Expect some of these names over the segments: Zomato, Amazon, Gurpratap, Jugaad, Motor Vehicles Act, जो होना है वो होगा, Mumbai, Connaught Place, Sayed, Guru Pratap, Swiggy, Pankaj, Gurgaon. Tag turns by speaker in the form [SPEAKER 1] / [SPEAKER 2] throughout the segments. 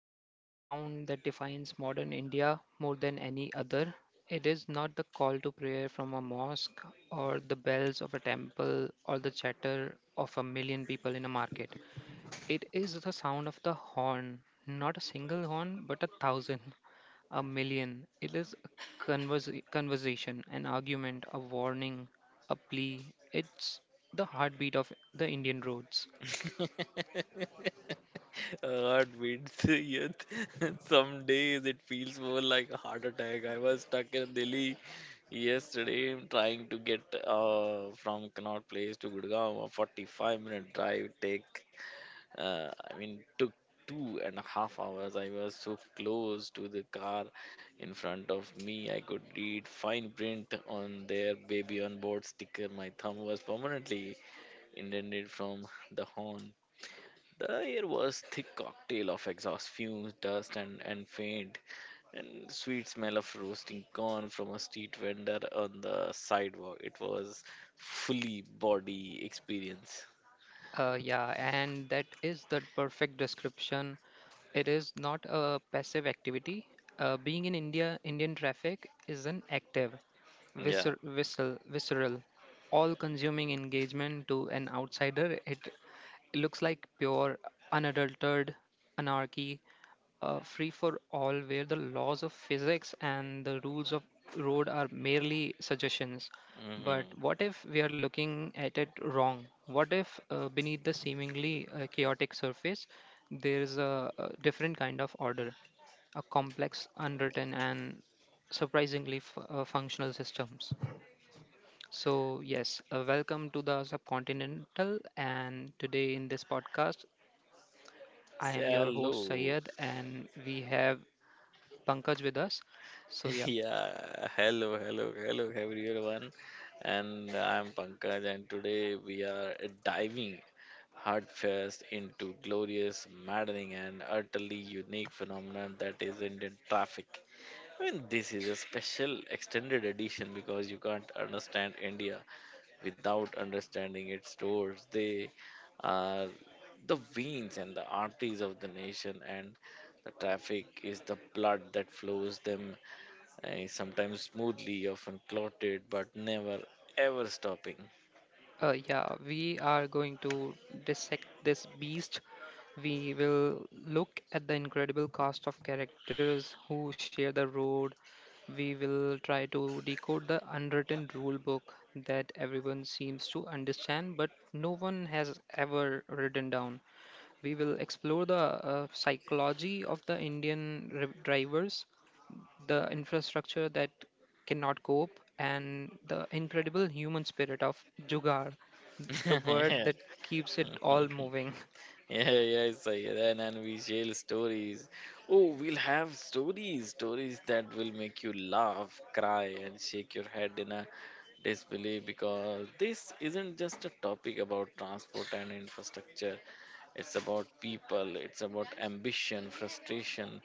[SPEAKER 1] is a sound that defines modern India more than any other. It is not the call to prayer from a mosque, or the bells of a temple, or the chatter of a million people in a market. It is the sound of the horn, not a single horn, but a thousand, a million. It is a conversation, an argument, a warning, a plea. It's the heartbeat of the Indian roads.
[SPEAKER 2] Heart beats. Yet some days it feels more like a heart attack. I was stuck in Delhi yesterday trying to get from Connaught Place to Gurgaon, a 45-minute minute drive take. I mean, took 2.5 hours. I was so close to the car in front of me. I could read fine print on their baby on board sticker. My thumb was permanently indented from the horn. The air was thick cocktail of exhaust fumes, dust, and faint and sweet smell of roasting corn from a street vendor on the sidewalk. It was fully body experience.
[SPEAKER 1] Yeah, and that is the perfect description. It is not a passive activity. Being in India, Indian traffic is an active,
[SPEAKER 2] Yeah.
[SPEAKER 1] visceral, all-consuming engagement to an outsider. It looks like pure, unadulterated anarchy, free for all, where the laws of physics and the rules of road are merely suggestions. But
[SPEAKER 2] Mm-hmm.
[SPEAKER 1] what if we are looking at it wrong? What if, beneath the seemingly chaotic surface, there is a different kind of order, a complex, unwritten, and surprisingly functional systems? So yes, welcome to the Subcontinental, and today in this podcast I
[SPEAKER 2] Say
[SPEAKER 1] am your host
[SPEAKER 2] hello.
[SPEAKER 1] Sayed, and we have Pankaj with us. So yeah,
[SPEAKER 2] Yeah. Hello, hello, hello, everyone. And I'm Pankaj, and today we are diving heartfast into glorious, maddening, and utterly unique phenomenon that is Indian traffic. I mean, this is a special extended edition because you can't understand India without understanding its stores. They are the veins and the arteries of the nation, and the traffic is the blood that flows them, sometimes smoothly, often clotted, but never ever stopping.
[SPEAKER 1] uh, yeah, we are going to dissect this beast. We will look at the incredible cast of characters who share the road. We will try to decode the unwritten rule book that everyone seems to understand but no one has ever written down. We will explore the psychology of the Indian drivers, the infrastructure that cannot cope, and the incredible human spirit of Jugaad, the word that keeps it all moving.
[SPEAKER 2] Yeah, yeah, Sayed, and we share stories. Oh, we'll have stories, stories that will make you laugh, cry, and shake your head in a disbelief because this isn't just a topic about transport and infrastructure. It's about people, it's about ambition, frustration,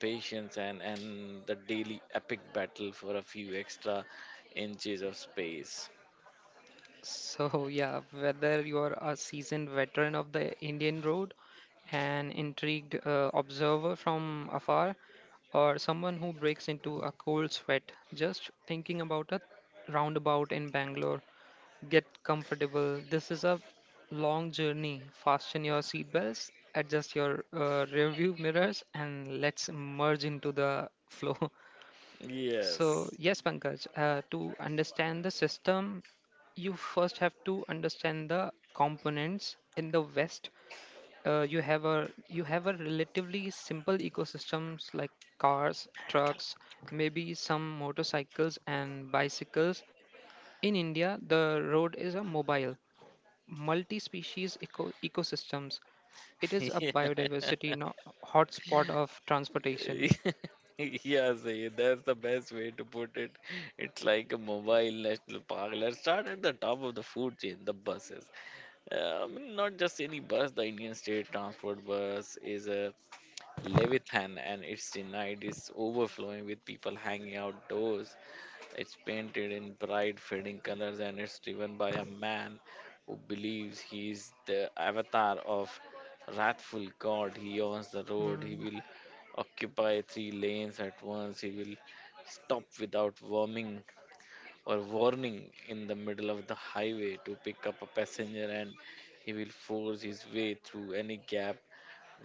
[SPEAKER 2] patience, and the daily epic battle for a few extra inches of space.
[SPEAKER 1] So, yeah, whether you're a seasoned veteran of the Indian road, an intrigued observer from afar, or someone who breaks into a cold sweat just thinking about a roundabout in Bangalore, get comfortable. This is a long journey. Fasten your seatbelts, adjust your rearview mirrors, and let's merge into the flow. So,
[SPEAKER 2] Yes.
[SPEAKER 1] yes, Pankaj, to understand the system, you first have to understand the components. In the West, you have a relatively simple ecosystems like cars, trucks, maybe some motorcycles and bicycles. In India, the road is a mobile, multi-species ecosystems. It is a biodiversity hotspot of transportation.
[SPEAKER 2] Yeah, see, that's the best way to put it. It's like a mobile national park. Let's start at the top of the food chain, the buses. Not just any bus. The Indian State Transport Bus is a Levithan and its night is overflowing with people hanging outdoors. It's painted in bright, fading colors and it's driven by a man who believes he is the avatar of wrathful god. He owns the road. He
[SPEAKER 1] Mm,
[SPEAKER 2] will occupy three lanes at once. He will stop without warming or warning in the middle of the highway to pick up a passenger and he will force his way through any gap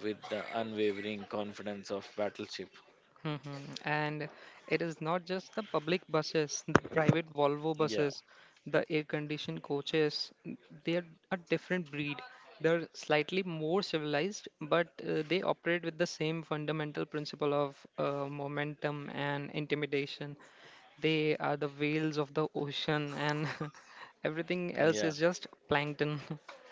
[SPEAKER 2] with the unwavering confidence of battleship.
[SPEAKER 1] mhm. And it is not just the public buses, the private Volvo
[SPEAKER 2] Yeah,
[SPEAKER 1] buses, the air-conditioned coaches. They are a different breed. They're slightly more civilized, but they operate with the same fundamental principle of momentum and intimidation. They are the whales of the ocean, and everything else
[SPEAKER 2] yeah,
[SPEAKER 1] is just plankton.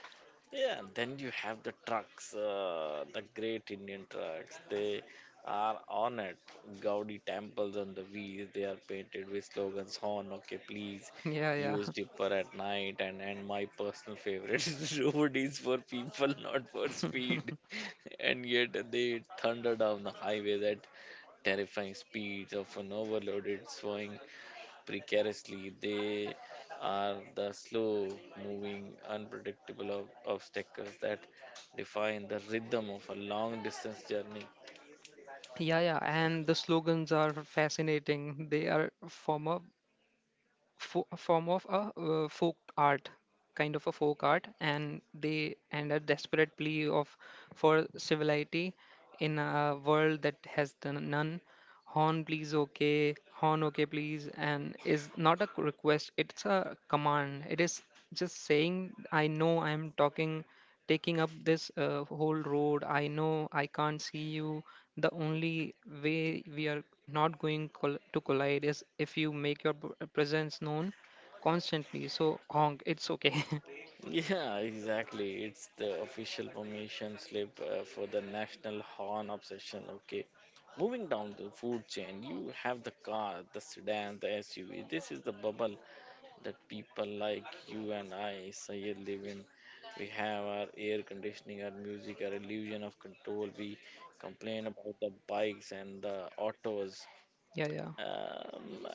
[SPEAKER 2] yeah. Then you have the trucks, the great Indian trucks. They are on it. Gaudi temples on the wheels. They are painted with slogans: "Horn, okay, please."
[SPEAKER 1] Yeah, yeah.
[SPEAKER 2] Use dipper at night, and my personal favorite road is for people, not for speed. And yet they thunder down the highways at terrifying speeds of an overloaded swaying precariously. They are the slow moving, unpredictable obstacles that define the rhythm of a long distance journey.
[SPEAKER 1] Yeah, yeah, and the slogans are fascinating. They are a form of a folk art, kind of a folk art, and they and a desperate plea of for civility in a world that has the none. Horn please, okay, horn okay please, and is not a request, it's a command. It is just saying I know I am talking taking up this whole road, I know I can't see you. The only way we are not going to collide is if you make your presence known constantly. So honk, it's okay.
[SPEAKER 2] Yeah, exactly. It's the official permission slip for the national horn obsession. Okay. Moving down the food chain, you have the car, the sedan, the SUV. This is the bubble that people like you and I, Sayed, live in. We have our air conditioning, our music, our illusion of control. We complain about the bikes and the autos.
[SPEAKER 1] Yeah, yeah.
[SPEAKER 2] Um,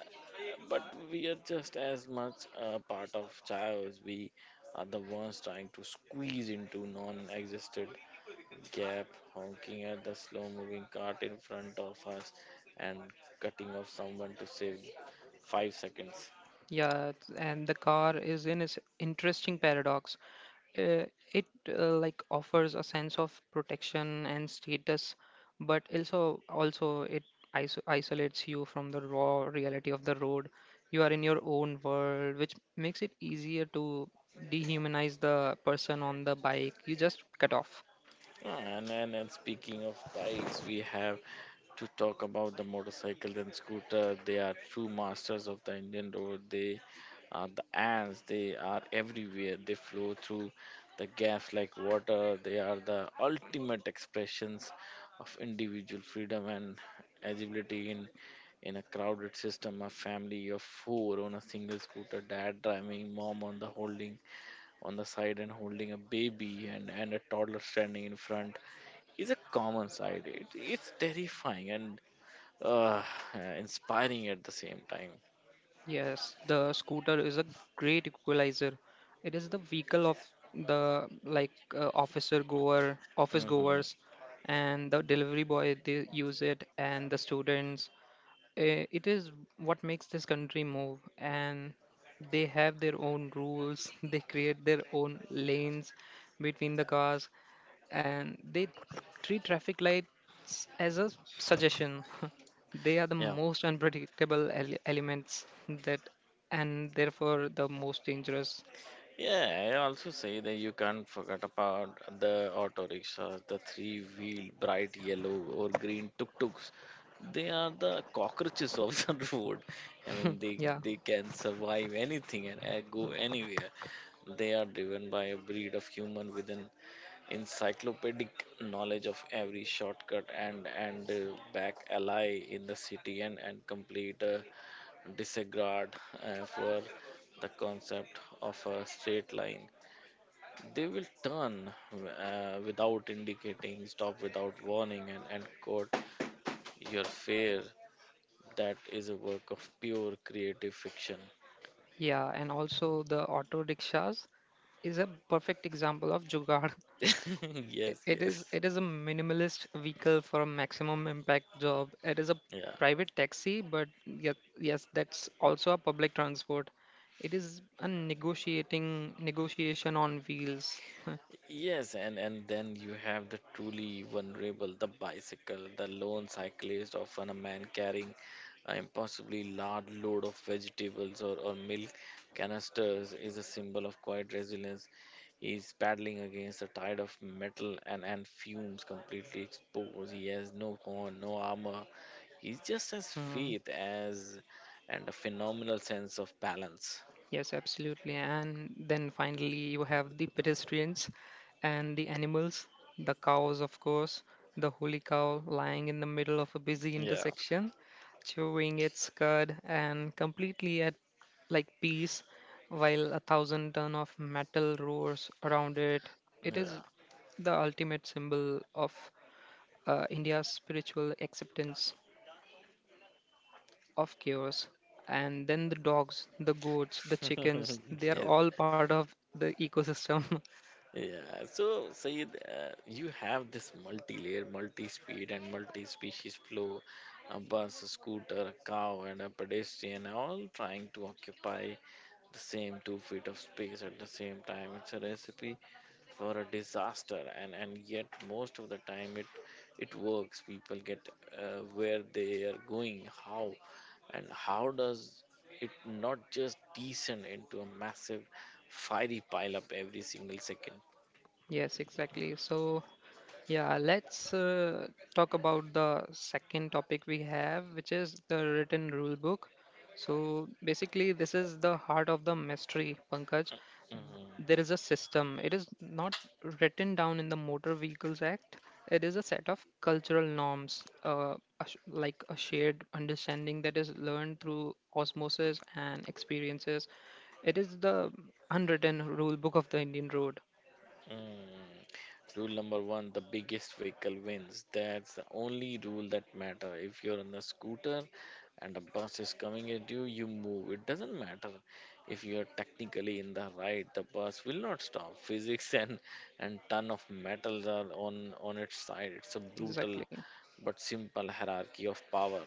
[SPEAKER 2] but we are just as much a part of chaos. We are the ones trying to squeeze into non existent gap, honking at the slow moving cart in front of us and cutting off someone to save 5 seconds.
[SPEAKER 1] Yeah, and the car is in its interesting paradox. Uh, it uh, like offers a sense of protection and status, but also it isolates you from the raw reality of the road. You are in your own world, which makes it easier to dehumanize the person on the bike you just cut off.
[SPEAKER 2] Yeah, and speaking of bikes, we have to talk about the motorcycle and scooter. They are true masters of the Indian road. They are the ants. They are everywhere. They flow through the gaps like water. They are the ultimate expressions of individual freedom and agility in a crowded system. A family of four on a single scooter. Dad driving, mom on the holding on the side and holding a baby and a toddler standing in front is a common side. It's terrifying and uh, inspiring at the same time.
[SPEAKER 1] Yes, the scooter is a great equalizer. It is the vehicle of the like, uh, office
[SPEAKER 2] Hmm.
[SPEAKER 1] goers and the delivery boy, they use it, and the students. It is what makes this country move, and they have their own rules. They create their own lanes between the cars, and they treat traffic lights as a suggestion. They are the
[SPEAKER 2] Yeah.
[SPEAKER 1] most unpredictable elements, that and therefore the most dangerous.
[SPEAKER 2] Yeah, I also say that you can't forget about the auto rickshaws, the three-wheel bright yellow or green tuk tuks. They are the cockroaches of the road. I mean, they
[SPEAKER 1] Yeah,
[SPEAKER 2] they can survive anything and go anywhere. They are driven by a breed of human with an encyclopedic knowledge of every shortcut and back alley in the city and complete disregard for the concept of a straight line. They will turn without indicating, stop without warning, and quote your fear that is a work of pure creative fiction.
[SPEAKER 1] yeah, and also the auto rickshaws is a perfect example of jugaad.
[SPEAKER 2] Yes,
[SPEAKER 1] It
[SPEAKER 2] yes.
[SPEAKER 1] is, it is a minimalist vehicle for a maximum impact job. It is a
[SPEAKER 2] Yeah.
[SPEAKER 1] private taxi, but yes, yes, that's also a public transport. It is a negotiating negotiation on wheels.
[SPEAKER 2] Yes, and then you have the truly vulnerable, the bicycle, the lone cyclist, often a man carrying an impossibly large load of vegetables or milk canisters is a symbol of quiet resilience. He's paddling against a tide of metal and fumes completely exposed. He has no horn, no armor. He's just as
[SPEAKER 1] Hmm.
[SPEAKER 2] faith as and a phenomenal sense of balance.
[SPEAKER 1] Yes, absolutely. And then finally, you have the pedestrians and the animals, the cows, of course, the holy cow lying in the middle of a busy
[SPEAKER 2] Yeah.
[SPEAKER 1] intersection, chewing its cud and completely at like peace, while a thousand ton of metal roars around it. It
[SPEAKER 2] Yeah.
[SPEAKER 1] is the ultimate symbol of India's spiritual acceptance of chaos. And then the dogs, the goats, the chickens, they are
[SPEAKER 2] Yes.
[SPEAKER 1] all part of the ecosystem.
[SPEAKER 2] Yeah, so Sayed, you have this multi-layer, multi-speed, and multi-species flow, a bus, a scooter, a cow, and a pedestrian all trying to occupy the same 2 feet of space at the same time. It's a recipe for a disaster, and yet most of the time it works. People get where they are going, and how does it not just descend into a massive fiery pile up every single second?
[SPEAKER 1] Yes, exactly. So, yeah, let's, talk about the second topic we have, which is the written rule book. So, basically, this is the heart of the mystery, Pankaj.
[SPEAKER 2] Mm,
[SPEAKER 1] There is a system. It is not written down in the Motor Vehicles Act. It is a set of cultural norms, like a shared understanding that is learned through osmosis and experiences. It is the unwritten rule book of the Indian road.
[SPEAKER 2] mm. Rule number one, the biggest vehicle wins. That's the only rule that matter. If you're on a scooter and a bus is coming at you, you move. It doesn't matter if you're technically in the right. The bus will not stop. Physics and ton of metals are on its side. It's a brutal
[SPEAKER 1] Exactly.
[SPEAKER 2] but simple hierarchy of power.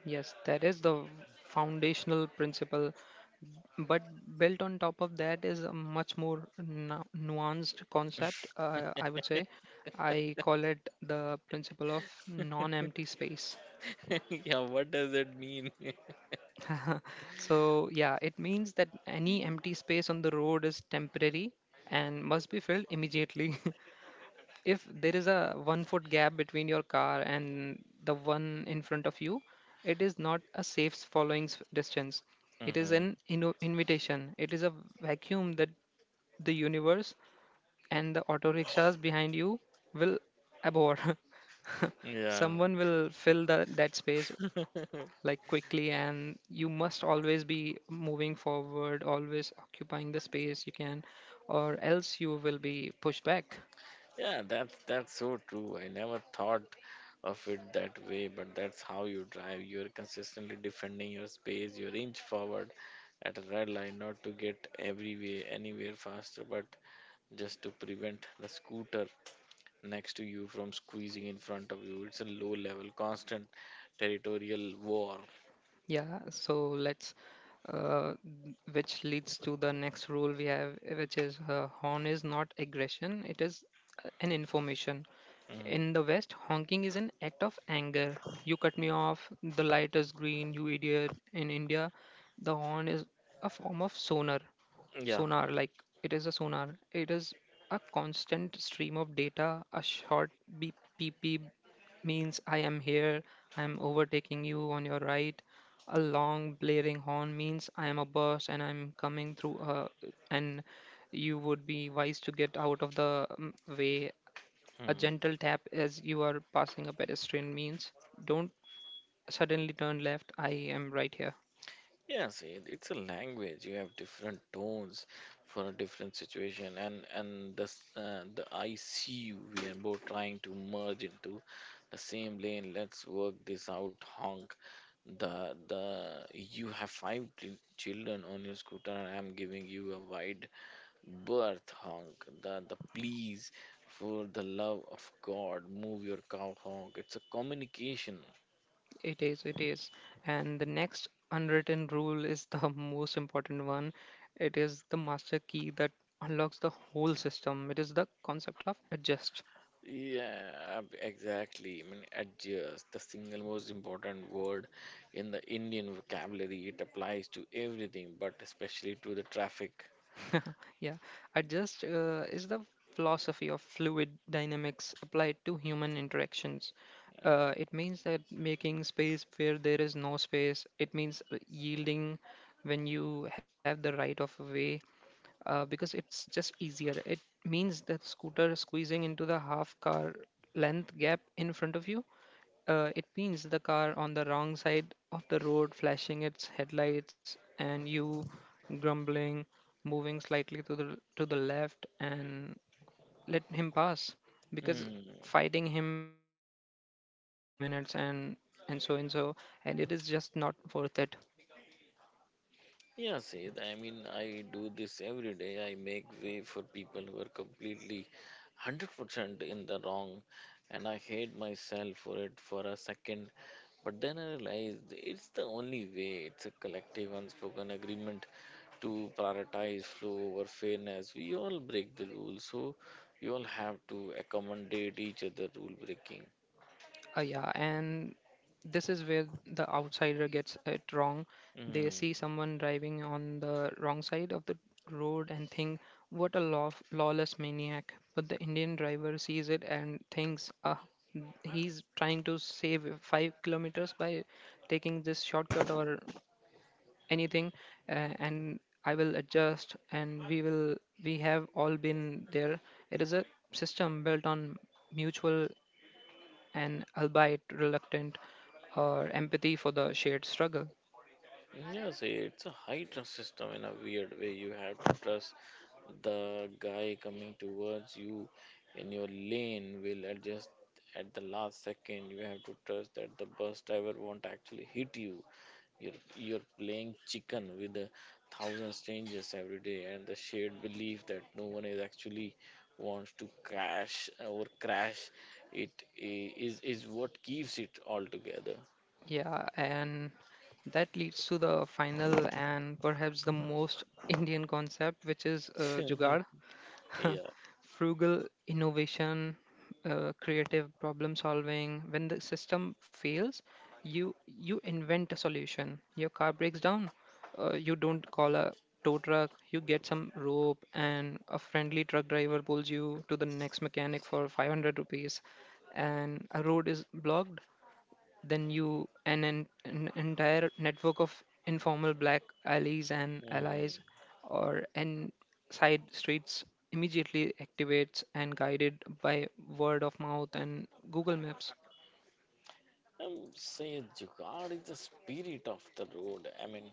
[SPEAKER 1] Yes, that is the foundational principle, but built on top of that is a much more nuanced concept. I would say I call it the principle of non-empty space.
[SPEAKER 2] Yeah, what does it mean?
[SPEAKER 1] So yeah, it means that any empty space on the road is temporary and must be filled immediately. If there is a 1 foot gap between your car and the one in front of you, it is not a safe following distance, it is
[SPEAKER 2] Hmm.
[SPEAKER 1] an invitation. It is a vacuum that the universe and the auto rickshaws behind you will abort.
[SPEAKER 2] Yeah.
[SPEAKER 1] Someone will fill that space like quickly, and you must always be moving forward, always occupying the space you can, or else you will be pushed back.
[SPEAKER 2] Yeah, that's so true. I never thought of it that way, but that's how you drive. You're consistently defending your space, you inch forward at a red line, not to get everywhere, anywhere faster, but just to prevent the scooter next to you from squeezing in front of you. It's a low level, constant territorial war.
[SPEAKER 1] Yeah, so let's, which leads to the next rule we have, which is, horn is not aggression, it is an information.
[SPEAKER 2] Mhm.
[SPEAKER 1] In the West, honking is an act of anger. You cut me off, the light is green, you idiot. In India, the horn is a form of sonar.
[SPEAKER 2] Yeah.
[SPEAKER 1] Sonar, like it is a sonar. It is a constant stream of data. A short beep, beep, beep means I am here, I am overtaking you on your right. A long blaring horn means I am a bus and I'm coming through, and you would be wise to get out of the way. A
[SPEAKER 2] Mhm.
[SPEAKER 1] gentle tap as you are passing a pedestrian means don't suddenly turn left, I am right here.
[SPEAKER 2] Yeah, see, it's a language. You have different tones for a different situation, and the I see you. We are both trying to merge into the same lane. Let's work this out, honk. The the you have five children on your scooter, and I'm giving you a wide birth, honk. The please, for the love of God, move your cow, honk. It's a communication.
[SPEAKER 1] It is, it is. And the next unwritten rule is the most important one. It is the master key that unlocks the whole system. It is the concept of adjust.
[SPEAKER 2] Yeah, exactly. I mean, adjust, the single most important word in the Indian vocabulary. It applies to everything, but especially to the traffic.
[SPEAKER 1] Yeah, adjust is the philosophy of fluid dynamics applied to human interactions. It means that making space where there is no space, it means yielding when you have the right of way, because it's just easier. It means that scooter squeezing into the half car length gap in front of you. It means the car on the wrong side of the road, flashing its headlights, and you grumbling, moving slightly to the left, and let him pass, because
[SPEAKER 2] Hmm.
[SPEAKER 1] fighting him will block the road for 10 minutes and so and so, and it is just not worth it.
[SPEAKER 2] Yeah, Sid, I mean, I do this every day. I make way for people who are completely 100% in the wrong, and I hate myself for it for a second. But then I realized it's the only way. It's a collective unspoken agreement to prioritize flow over fairness. We all break the rules, so we all have to accommodate each other rule breaking.
[SPEAKER 1] Yeah, and this is where the outsider gets it wrong. They
[SPEAKER 2] Hmm.
[SPEAKER 1] see someone driving on the wrong side of the road and think, what a lawless maniac. But the Indian driver sees it and thinks, ah, he's trying to save 5 kilometers by taking this shortcut or anything, and I will adjust and we have all been there. It is a system built on mutual and albeit reluctant or empathy for the shared struggle.
[SPEAKER 2] Yeah, see, it's a high trust system in a weird way. You have to trust the guy coming towards you in your lane will adjust at the last second. You have to trust that the bus driver won't actually hit you. You're playing chicken with a thousand strangers every day, and the shared belief that no one is actually wants to crash or crash it is what keeps it all together.
[SPEAKER 1] Yeah, and that leads to the final and perhaps the most Indian concept, which is jugaad,
[SPEAKER 2] Yeah.
[SPEAKER 1] frugal innovation, creative problem solving. When the system fails, you invent a solution. Your car breaks down, you don't call a tow truck. You get some rope, and a friendly truck driver pulls you to the next mechanic for 500 rupees. And a road is blocked, then you an entire network of informal black alleys and allies
[SPEAKER 2] Hmm.
[SPEAKER 1] or and side streets immediately activates and guided by word of mouth and Google Maps.
[SPEAKER 2] Say Jugaad is the spirit of the road. I mean,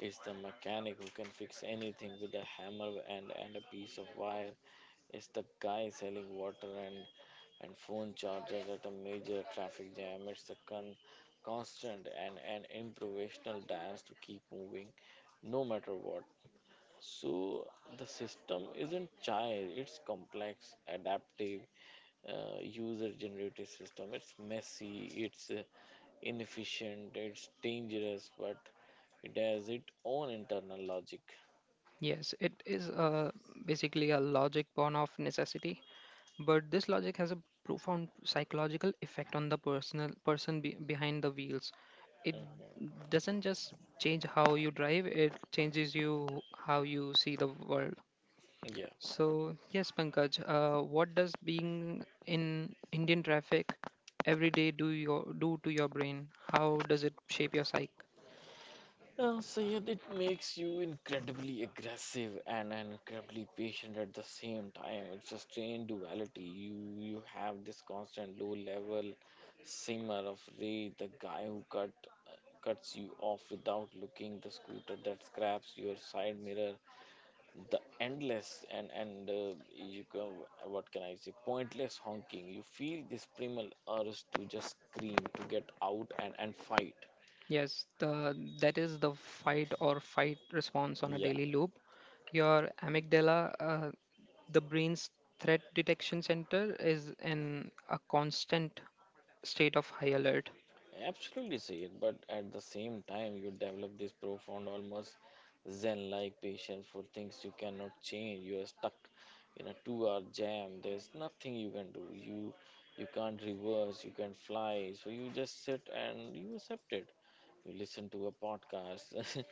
[SPEAKER 2] it's the mechanic who can fix anything with a hammer and a piece of wire. It's the guy selling water and phone chargers at a major traffic jam. It's the constant and improvisational dance to keep moving no matter what. So the system isn't child, it's complex, adaptive, user generated system. It's messy, it's inefficient, it's dangerous, but it has its own internal logic.
[SPEAKER 1] Yes, it is, basically a logic born of necessity, but this logic has a profound psychological effect on the person behind the wheels. It
[SPEAKER 2] Mhm.
[SPEAKER 1] doesn't just change how you drive, it changes you how you see the world.
[SPEAKER 2] Yeah.
[SPEAKER 1] So, yes, Pankaj, what does being in Indian traffic every day do to your brain? How does it shape your psyche?
[SPEAKER 2] So yeah, it makes you incredibly aggressive and incredibly patient at the same time. It's a strange duality. You have this constant low level simmer of rage, the guy who cuts you off without looking, the scooter that scraps your side mirror, the endless and you go what can I say pointless honking. You feel this primal urge to just scream to get out and fight.
[SPEAKER 1] Yes, the that is the fight or fight response on a
[SPEAKER 2] Yeah,
[SPEAKER 1] daily loop. Your amygdala, the brain's threat detection center, is in a constant state of high alert.
[SPEAKER 2] absolutely, say it, but at the same time you develop this profound almost zen like patience for things you cannot change. You are stuck in a 2-hour jam. There's nothing you can do. You can't reverse, you can't fly, so you just sit and you accept it. You listen to a podcast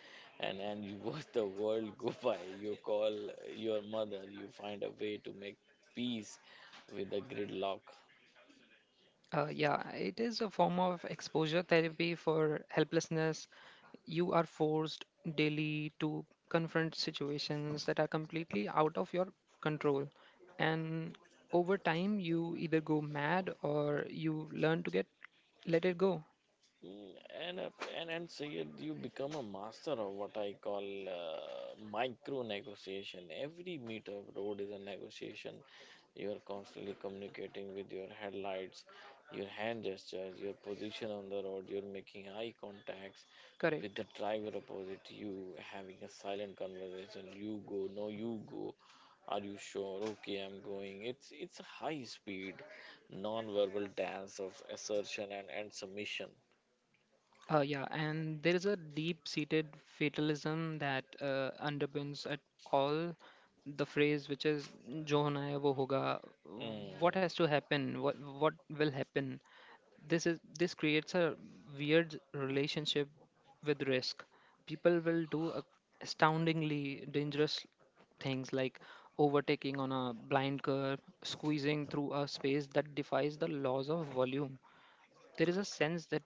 [SPEAKER 2] and you watch the world go by. You call your mother. You find a way to make peace with the gridlock.
[SPEAKER 1] Yeah, it is a form of exposure therapy for helplessness. You are forced daily to confront situations that are completely out of your control. And over time, you either go mad or you learn to get let it go.
[SPEAKER 2] Mm. And, uh, and Sayed, you become a master of what I call micro negotiation. Every meter of road is a negotiation. You are constantly communicating with your headlights, your hand gestures, your position on the road. You're making eye contacts with
[SPEAKER 1] Correct.
[SPEAKER 2] the driver opposite you, having a silent conversation. You go, no, you go. Are you sure? Okay, I'm going. It's a high speed, non-verbal dance of assertion and submission.
[SPEAKER 1] Yeah, and there is a deep-seated fatalism that underpins at all the phrase, which is "जो होना है वो होगा."
[SPEAKER 2] Mm,
[SPEAKER 1] What has to happen? What will happen? This is this creates a weird relationship with risk. People will do astoundingly dangerous things, like overtaking on a blind curve, squeezing through a space that defies the laws of volume. There is a sense that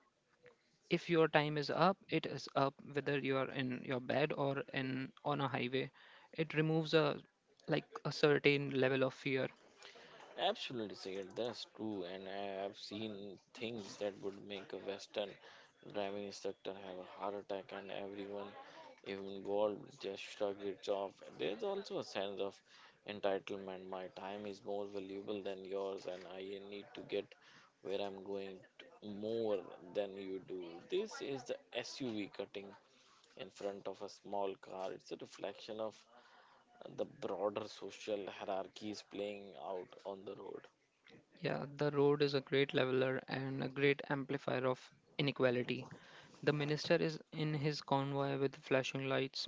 [SPEAKER 1] if your time is up, it is up, whether you are in your bed or in on a highway. It removes a like a certain level of fear.
[SPEAKER 2] absolutely, Sayed. That's true. And I've seen things that would make a Western driving instructor have a heart attack, and everyone involved just shrugged it off. There's also a sense of entitlement. My time is more valuable than yours, and I need to get where I'm going to more than you do. This is the SUV cutting in front of a small car. It's a reflection of the broader social hierarchy is playing out on the road.
[SPEAKER 1] Yeah, the road is a great leveler and a great amplifier of inequality. The minister is in his convoy with flashing lights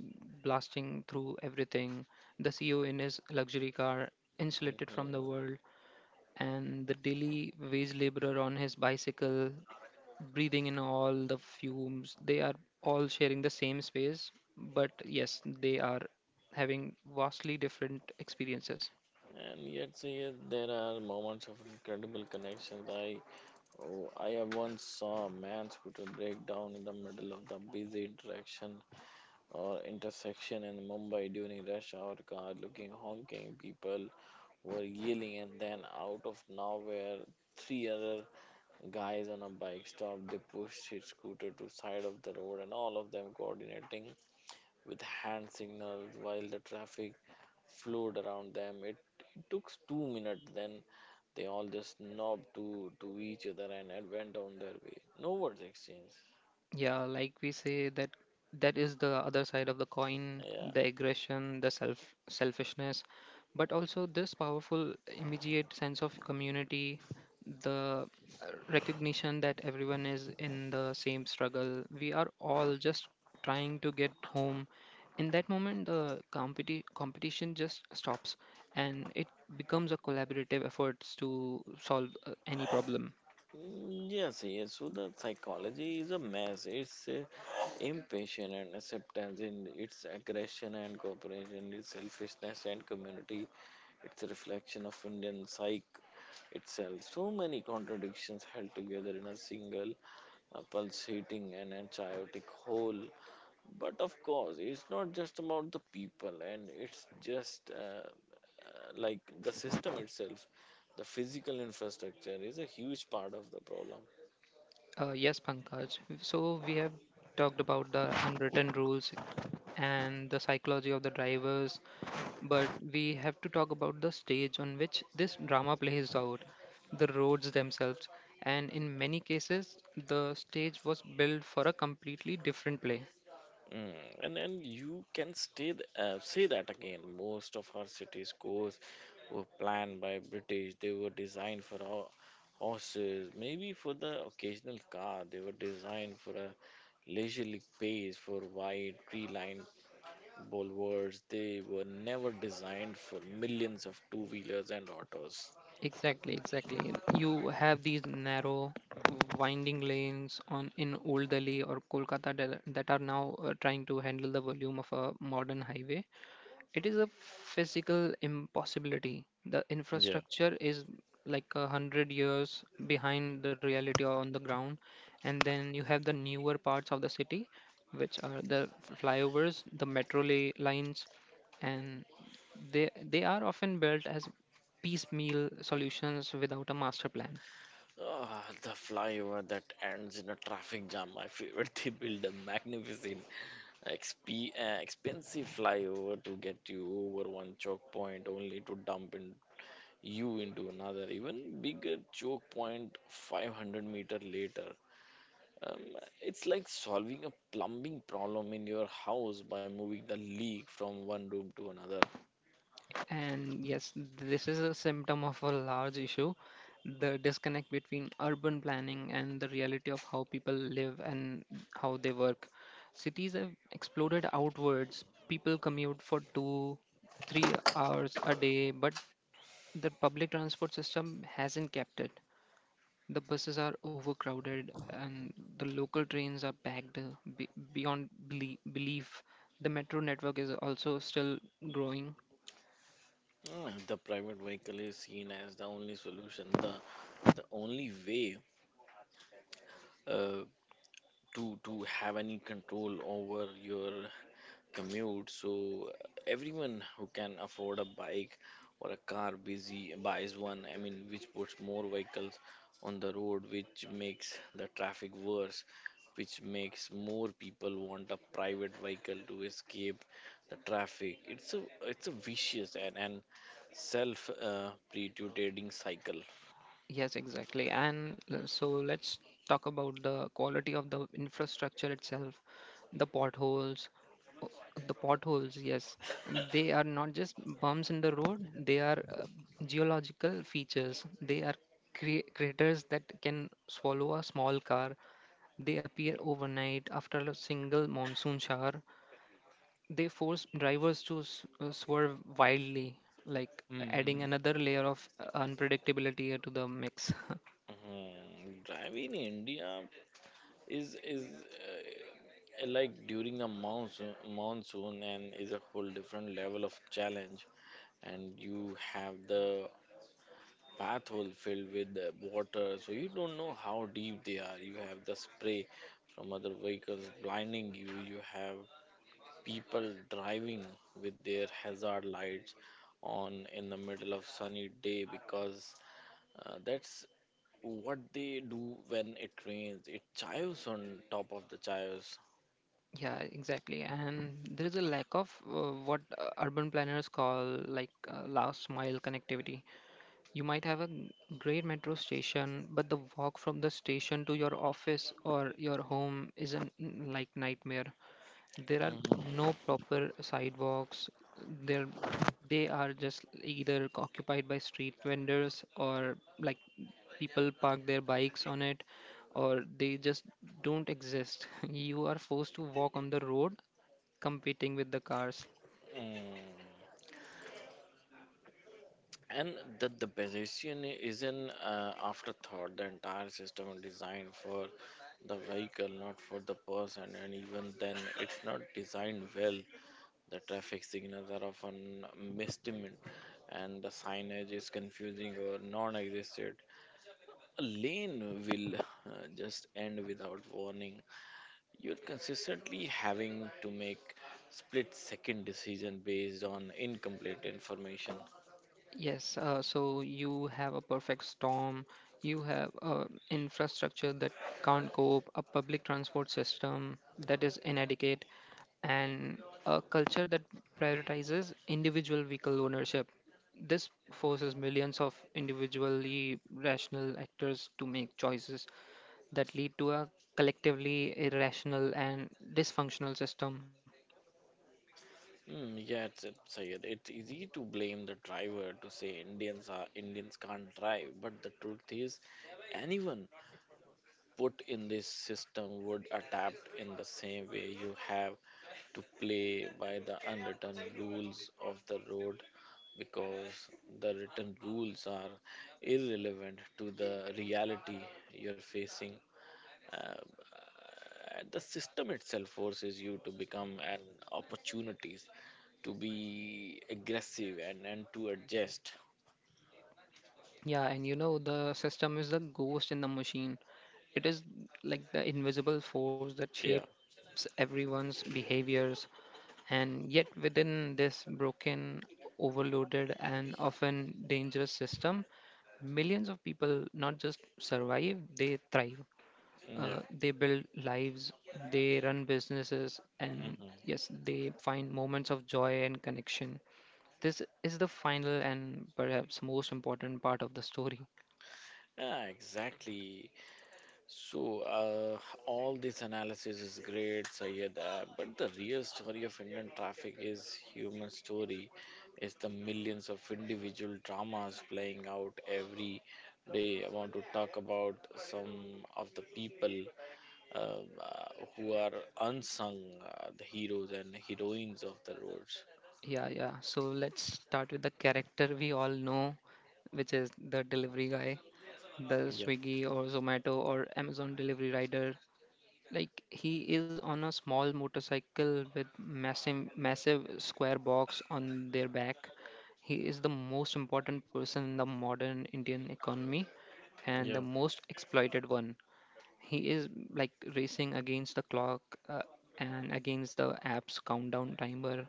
[SPEAKER 1] blasting through everything, the CEO in his luxury car, insulated from the
[SPEAKER 2] Mhm.
[SPEAKER 1] world, and the daily wage laborer on his bicycle, breathing in all the fumes. They are all sharing the same space, but yes, they are having vastly different experiences.
[SPEAKER 2] And yet, yet there are moments of incredible connections. I have once saw a man's scooter break down in the middle of the busy interaction or intersection in Mumbai during rush hour. Car looking honking, people were yelling, and then out of nowhere, three other guys on a bike stopped. They pushed his scooter to side of the road, and all of them coordinating with hand signals while the traffic flowed around them. It took 2 minutes, then they all just nodded to each other and went on their way. No words exchanged.
[SPEAKER 1] Yeah, like we say, that that is the other side of the coin,
[SPEAKER 2] Yeah.
[SPEAKER 1] the aggression, the selfishness, but also this powerful, immediate sense of community, the uh, recognition that everyone is in the same struggle. We are all just trying to get home. In that moment, the competition just stops, and it becomes a collaborative efforts to solve any problem.
[SPEAKER 2] Mm, yes, yes. So the psychology is a mess. It's impatience and acceptance, and it's aggression and cooperation, it's selfishness and community. It's a reflection of Indian psyche itself. So many contradictions held together in a single a pulsating and a chaotic whole. But of course, it's not just about the people, and it's just like the system itself. The physical infrastructure is a huge part of the problem.
[SPEAKER 1] Yes, Pankaj. So we have talked about the unwritten rules and the psychology of the drivers, but we have to talk about the stage on which this drama plays out, the roads themselves. And in many cases, the stage was built for a completely different play.
[SPEAKER 2] Mm, and you can stay say that again. Most of our cities' course were planned by British. They were designed for horses, maybe for the occasional car. They were designed for a leisurely pace for wide tree-lined Bulwarks, they were never designed for millions of two wheelers and autos.
[SPEAKER 1] Exactly, exactly. You have these narrow, winding lanes on in Old Delhi or Kolkata that are now trying to handle the volume of a modern highway. It is a physical impossibility. The
[SPEAKER 2] Yeah.
[SPEAKER 1] infrastructure is like 100 years behind the reality on the ground, and then you have the newer parts of the city, which are the flyovers, the metro lines, and they are often built as piecemeal solutions without a master plan.
[SPEAKER 2] Ah, the flyover that ends in a traffic jam, my favorite. They build a magnificent, expensive flyover to get you over one choke point, only to dump in you into another, even bigger choke point 500 meter later. Um, it's like solving a plumbing problem in your house by moving the leak from one room to another.
[SPEAKER 1] And yes, this is a symptom of a large issue, the disconnect between urban planning and the reality of how people live and how they work. Cities have exploded outwards. People commute for 2, 3 hours a day, but the public transport system hasn't kept it. The buses are overcrowded and the local trains are packed beyond belief. The metro network is also still growing.
[SPEAKER 2] Mm, the private vehicle is seen as the only solution, the only way uh, to have any control over your commute, so everyone who can afford a bike or a car busy buys one. I mean, which puts more vehicles on the road, which makes the traffic worse, which makes more people want a private vehicle to escape the traffic. It's a vicious and self perpetuating cycle.
[SPEAKER 1] Yes, exactly. And so let's talk about the quality of the infrastructure itself, the potholes. o- The potholes, yes, they are not just bumps in the road, they are geological features. They are craters that can swallow a small car. They appear overnight after a single monsoon shower. They force drivers to swerve wildly, like adding
[SPEAKER 2] Hmm.
[SPEAKER 1] another layer of unpredictability to the mix.
[SPEAKER 2] Mhm. Driving in India is like during the monsoon and is a whole different level of challenge, and you have the path hole filled with the water, so you don't know how deep they are. You have the spray from other vehicles blinding you. You have people driving with their hazard lights on in the middle of sunny day, because that's what they do when it rains. It chives on top of the chives.
[SPEAKER 1] Yeah, exactly. And there is a lack of what urban planners call, like, last mile connectivity. You might have a great metro station, but the walk from the station to your office or your home is an like nightmare. There are
[SPEAKER 2] Mhm.
[SPEAKER 1] no proper sidewalks. There they are just either occupied by street vendors, or like people park their bikes on it, or they just don't exist. You are forced to walk on the road, competing with the cars.
[SPEAKER 2] Mm. And that the position is an afterthought. The entire system is designed for the vehicle, not for the person. And even then, it's not designed well. The traffic signals are often misdemeaned, and the signage is confusing or non-existent. A lane will just end without warning. You're consistently having to make split-second decision based on incomplete information.
[SPEAKER 1] Yes, so you have a perfect storm. You have infrastructure that can't cope, a public transport system that is inadequate, and a culture that prioritizes individual vehicle ownership. This forces millions of individually rational actors to make choices that lead to a collectively irrational and dysfunctional system.
[SPEAKER 2] Mm, yeah, it's easy to blame the driver to say Indians are Indians can't drive, but the truth is, anyone put in this system would adapt in the same way. You have to play by the unwritten rules of the road because the written rules are irrelevant to the reality you're facing. The system itself forces you to become an opportunities to be aggressive and to adjust.
[SPEAKER 1] Yeah, and the system is the ghost in the machine. It is like the invisible force that
[SPEAKER 2] Yeah.
[SPEAKER 1] shapes everyone's behaviors, and yet within this broken, overloaded, and often dangerous system, millions of people not just survive, they thrive.
[SPEAKER 2] Yeah.
[SPEAKER 1] They build lives, they run businesses, and
[SPEAKER 2] Hmm.
[SPEAKER 1] yes, they find moments of joy and connection. This is the final and perhaps most important part of the story.
[SPEAKER 2] Yeah, exactly. So uh, all this analysis is great, Sayed, but the real story of Indian traffic is human story. It's the millions of individual dramas playing out every day. I want to talk about some of the people who are unsung, the heroes and heroines of the roads.
[SPEAKER 1] Yeah, yeah. So let's start with the character we all know, which is the delivery guy, the
[SPEAKER 2] Yep.
[SPEAKER 1] Swiggy or Zomato or Amazon delivery rider. Like he is on a small motorcycle with massive, massive square box on their back. He is the most important person in the modern Indian economy and the
[SPEAKER 2] Yeah.
[SPEAKER 1] most exploited one. He is like racing against the clock, uh, and against the app's countdown timer,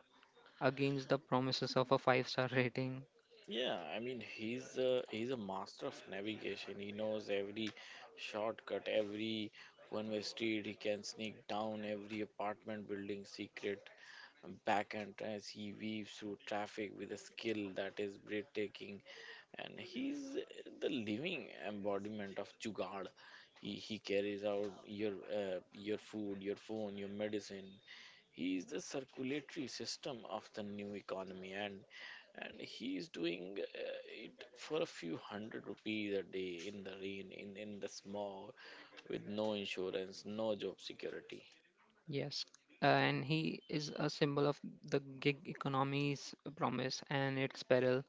[SPEAKER 1] against the promises of a five-star rating.
[SPEAKER 2] Yeah, I mean he's a master of navigation. He knows every shortcut, every one-way street. He can sneak down every apartment building secret backhand as he weaves through traffic with a skill that is breathtaking. And he's the living embodiment of Jugad. He carries out your food, your phone, your medicine. He is the circulatory system of the new economy, and he is doing it for a few hundred rupees a day in the rain, in the smog, with no insurance, no job security.
[SPEAKER 1] Yes. And he is a symbol of the gig economy's promise and its peril.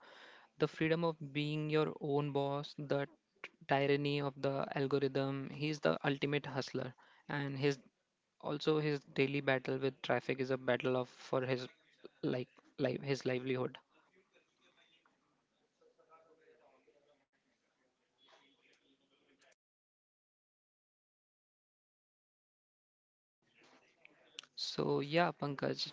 [SPEAKER 1] The freedom of being your own boss, the tyranny of the algorithm. He's the ultimate hustler. And his also his daily battle with traffic is a battle of for his, like, life, his livelihood. So yeah, Pankaj,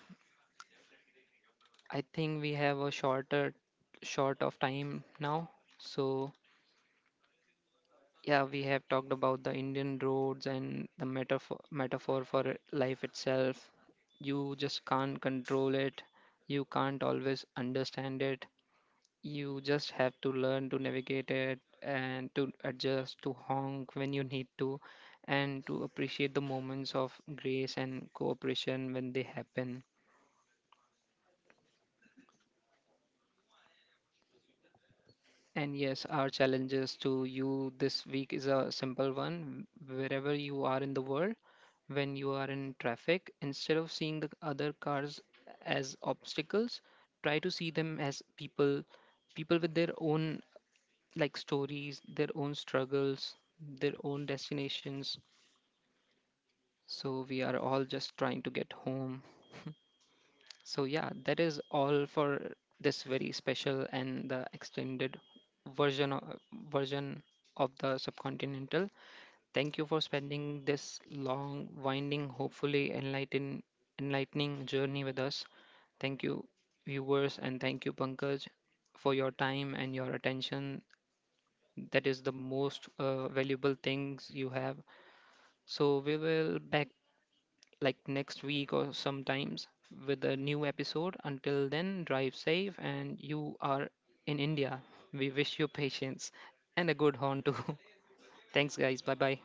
[SPEAKER 1] I think we have a short of time now. So, yeah, we have talked about the Indian roads and the metaphor for life itself. You just can't control it. You can't always understand it. You just have to learn to navigate it and to adjust, to honk when you need to, and to appreciate the moments of grace and cooperation when they happen. And yes, our challenges to you this week is a simple one. Wherever you are in the world, when you are in traffic, instead of seeing the other cars as obstacles, try to see them as people, people with their own, like, stories, their own struggles, their own destinations. So we are all just trying to get home. So, yeah, that is all for this very special and the extended version of, version of the subcontinental. Thank you for spending this long, winding, hopefully enlightening journey with us. Thank you, viewers, and thank you, Pankaj, for your time and your attention. That is the most valuable things you have. So, we will back like next week or sometimes with a new episode. Until then, drive safe, and you are in India. We wish you patience and a good horn too. Thanks, guys. Bye bye.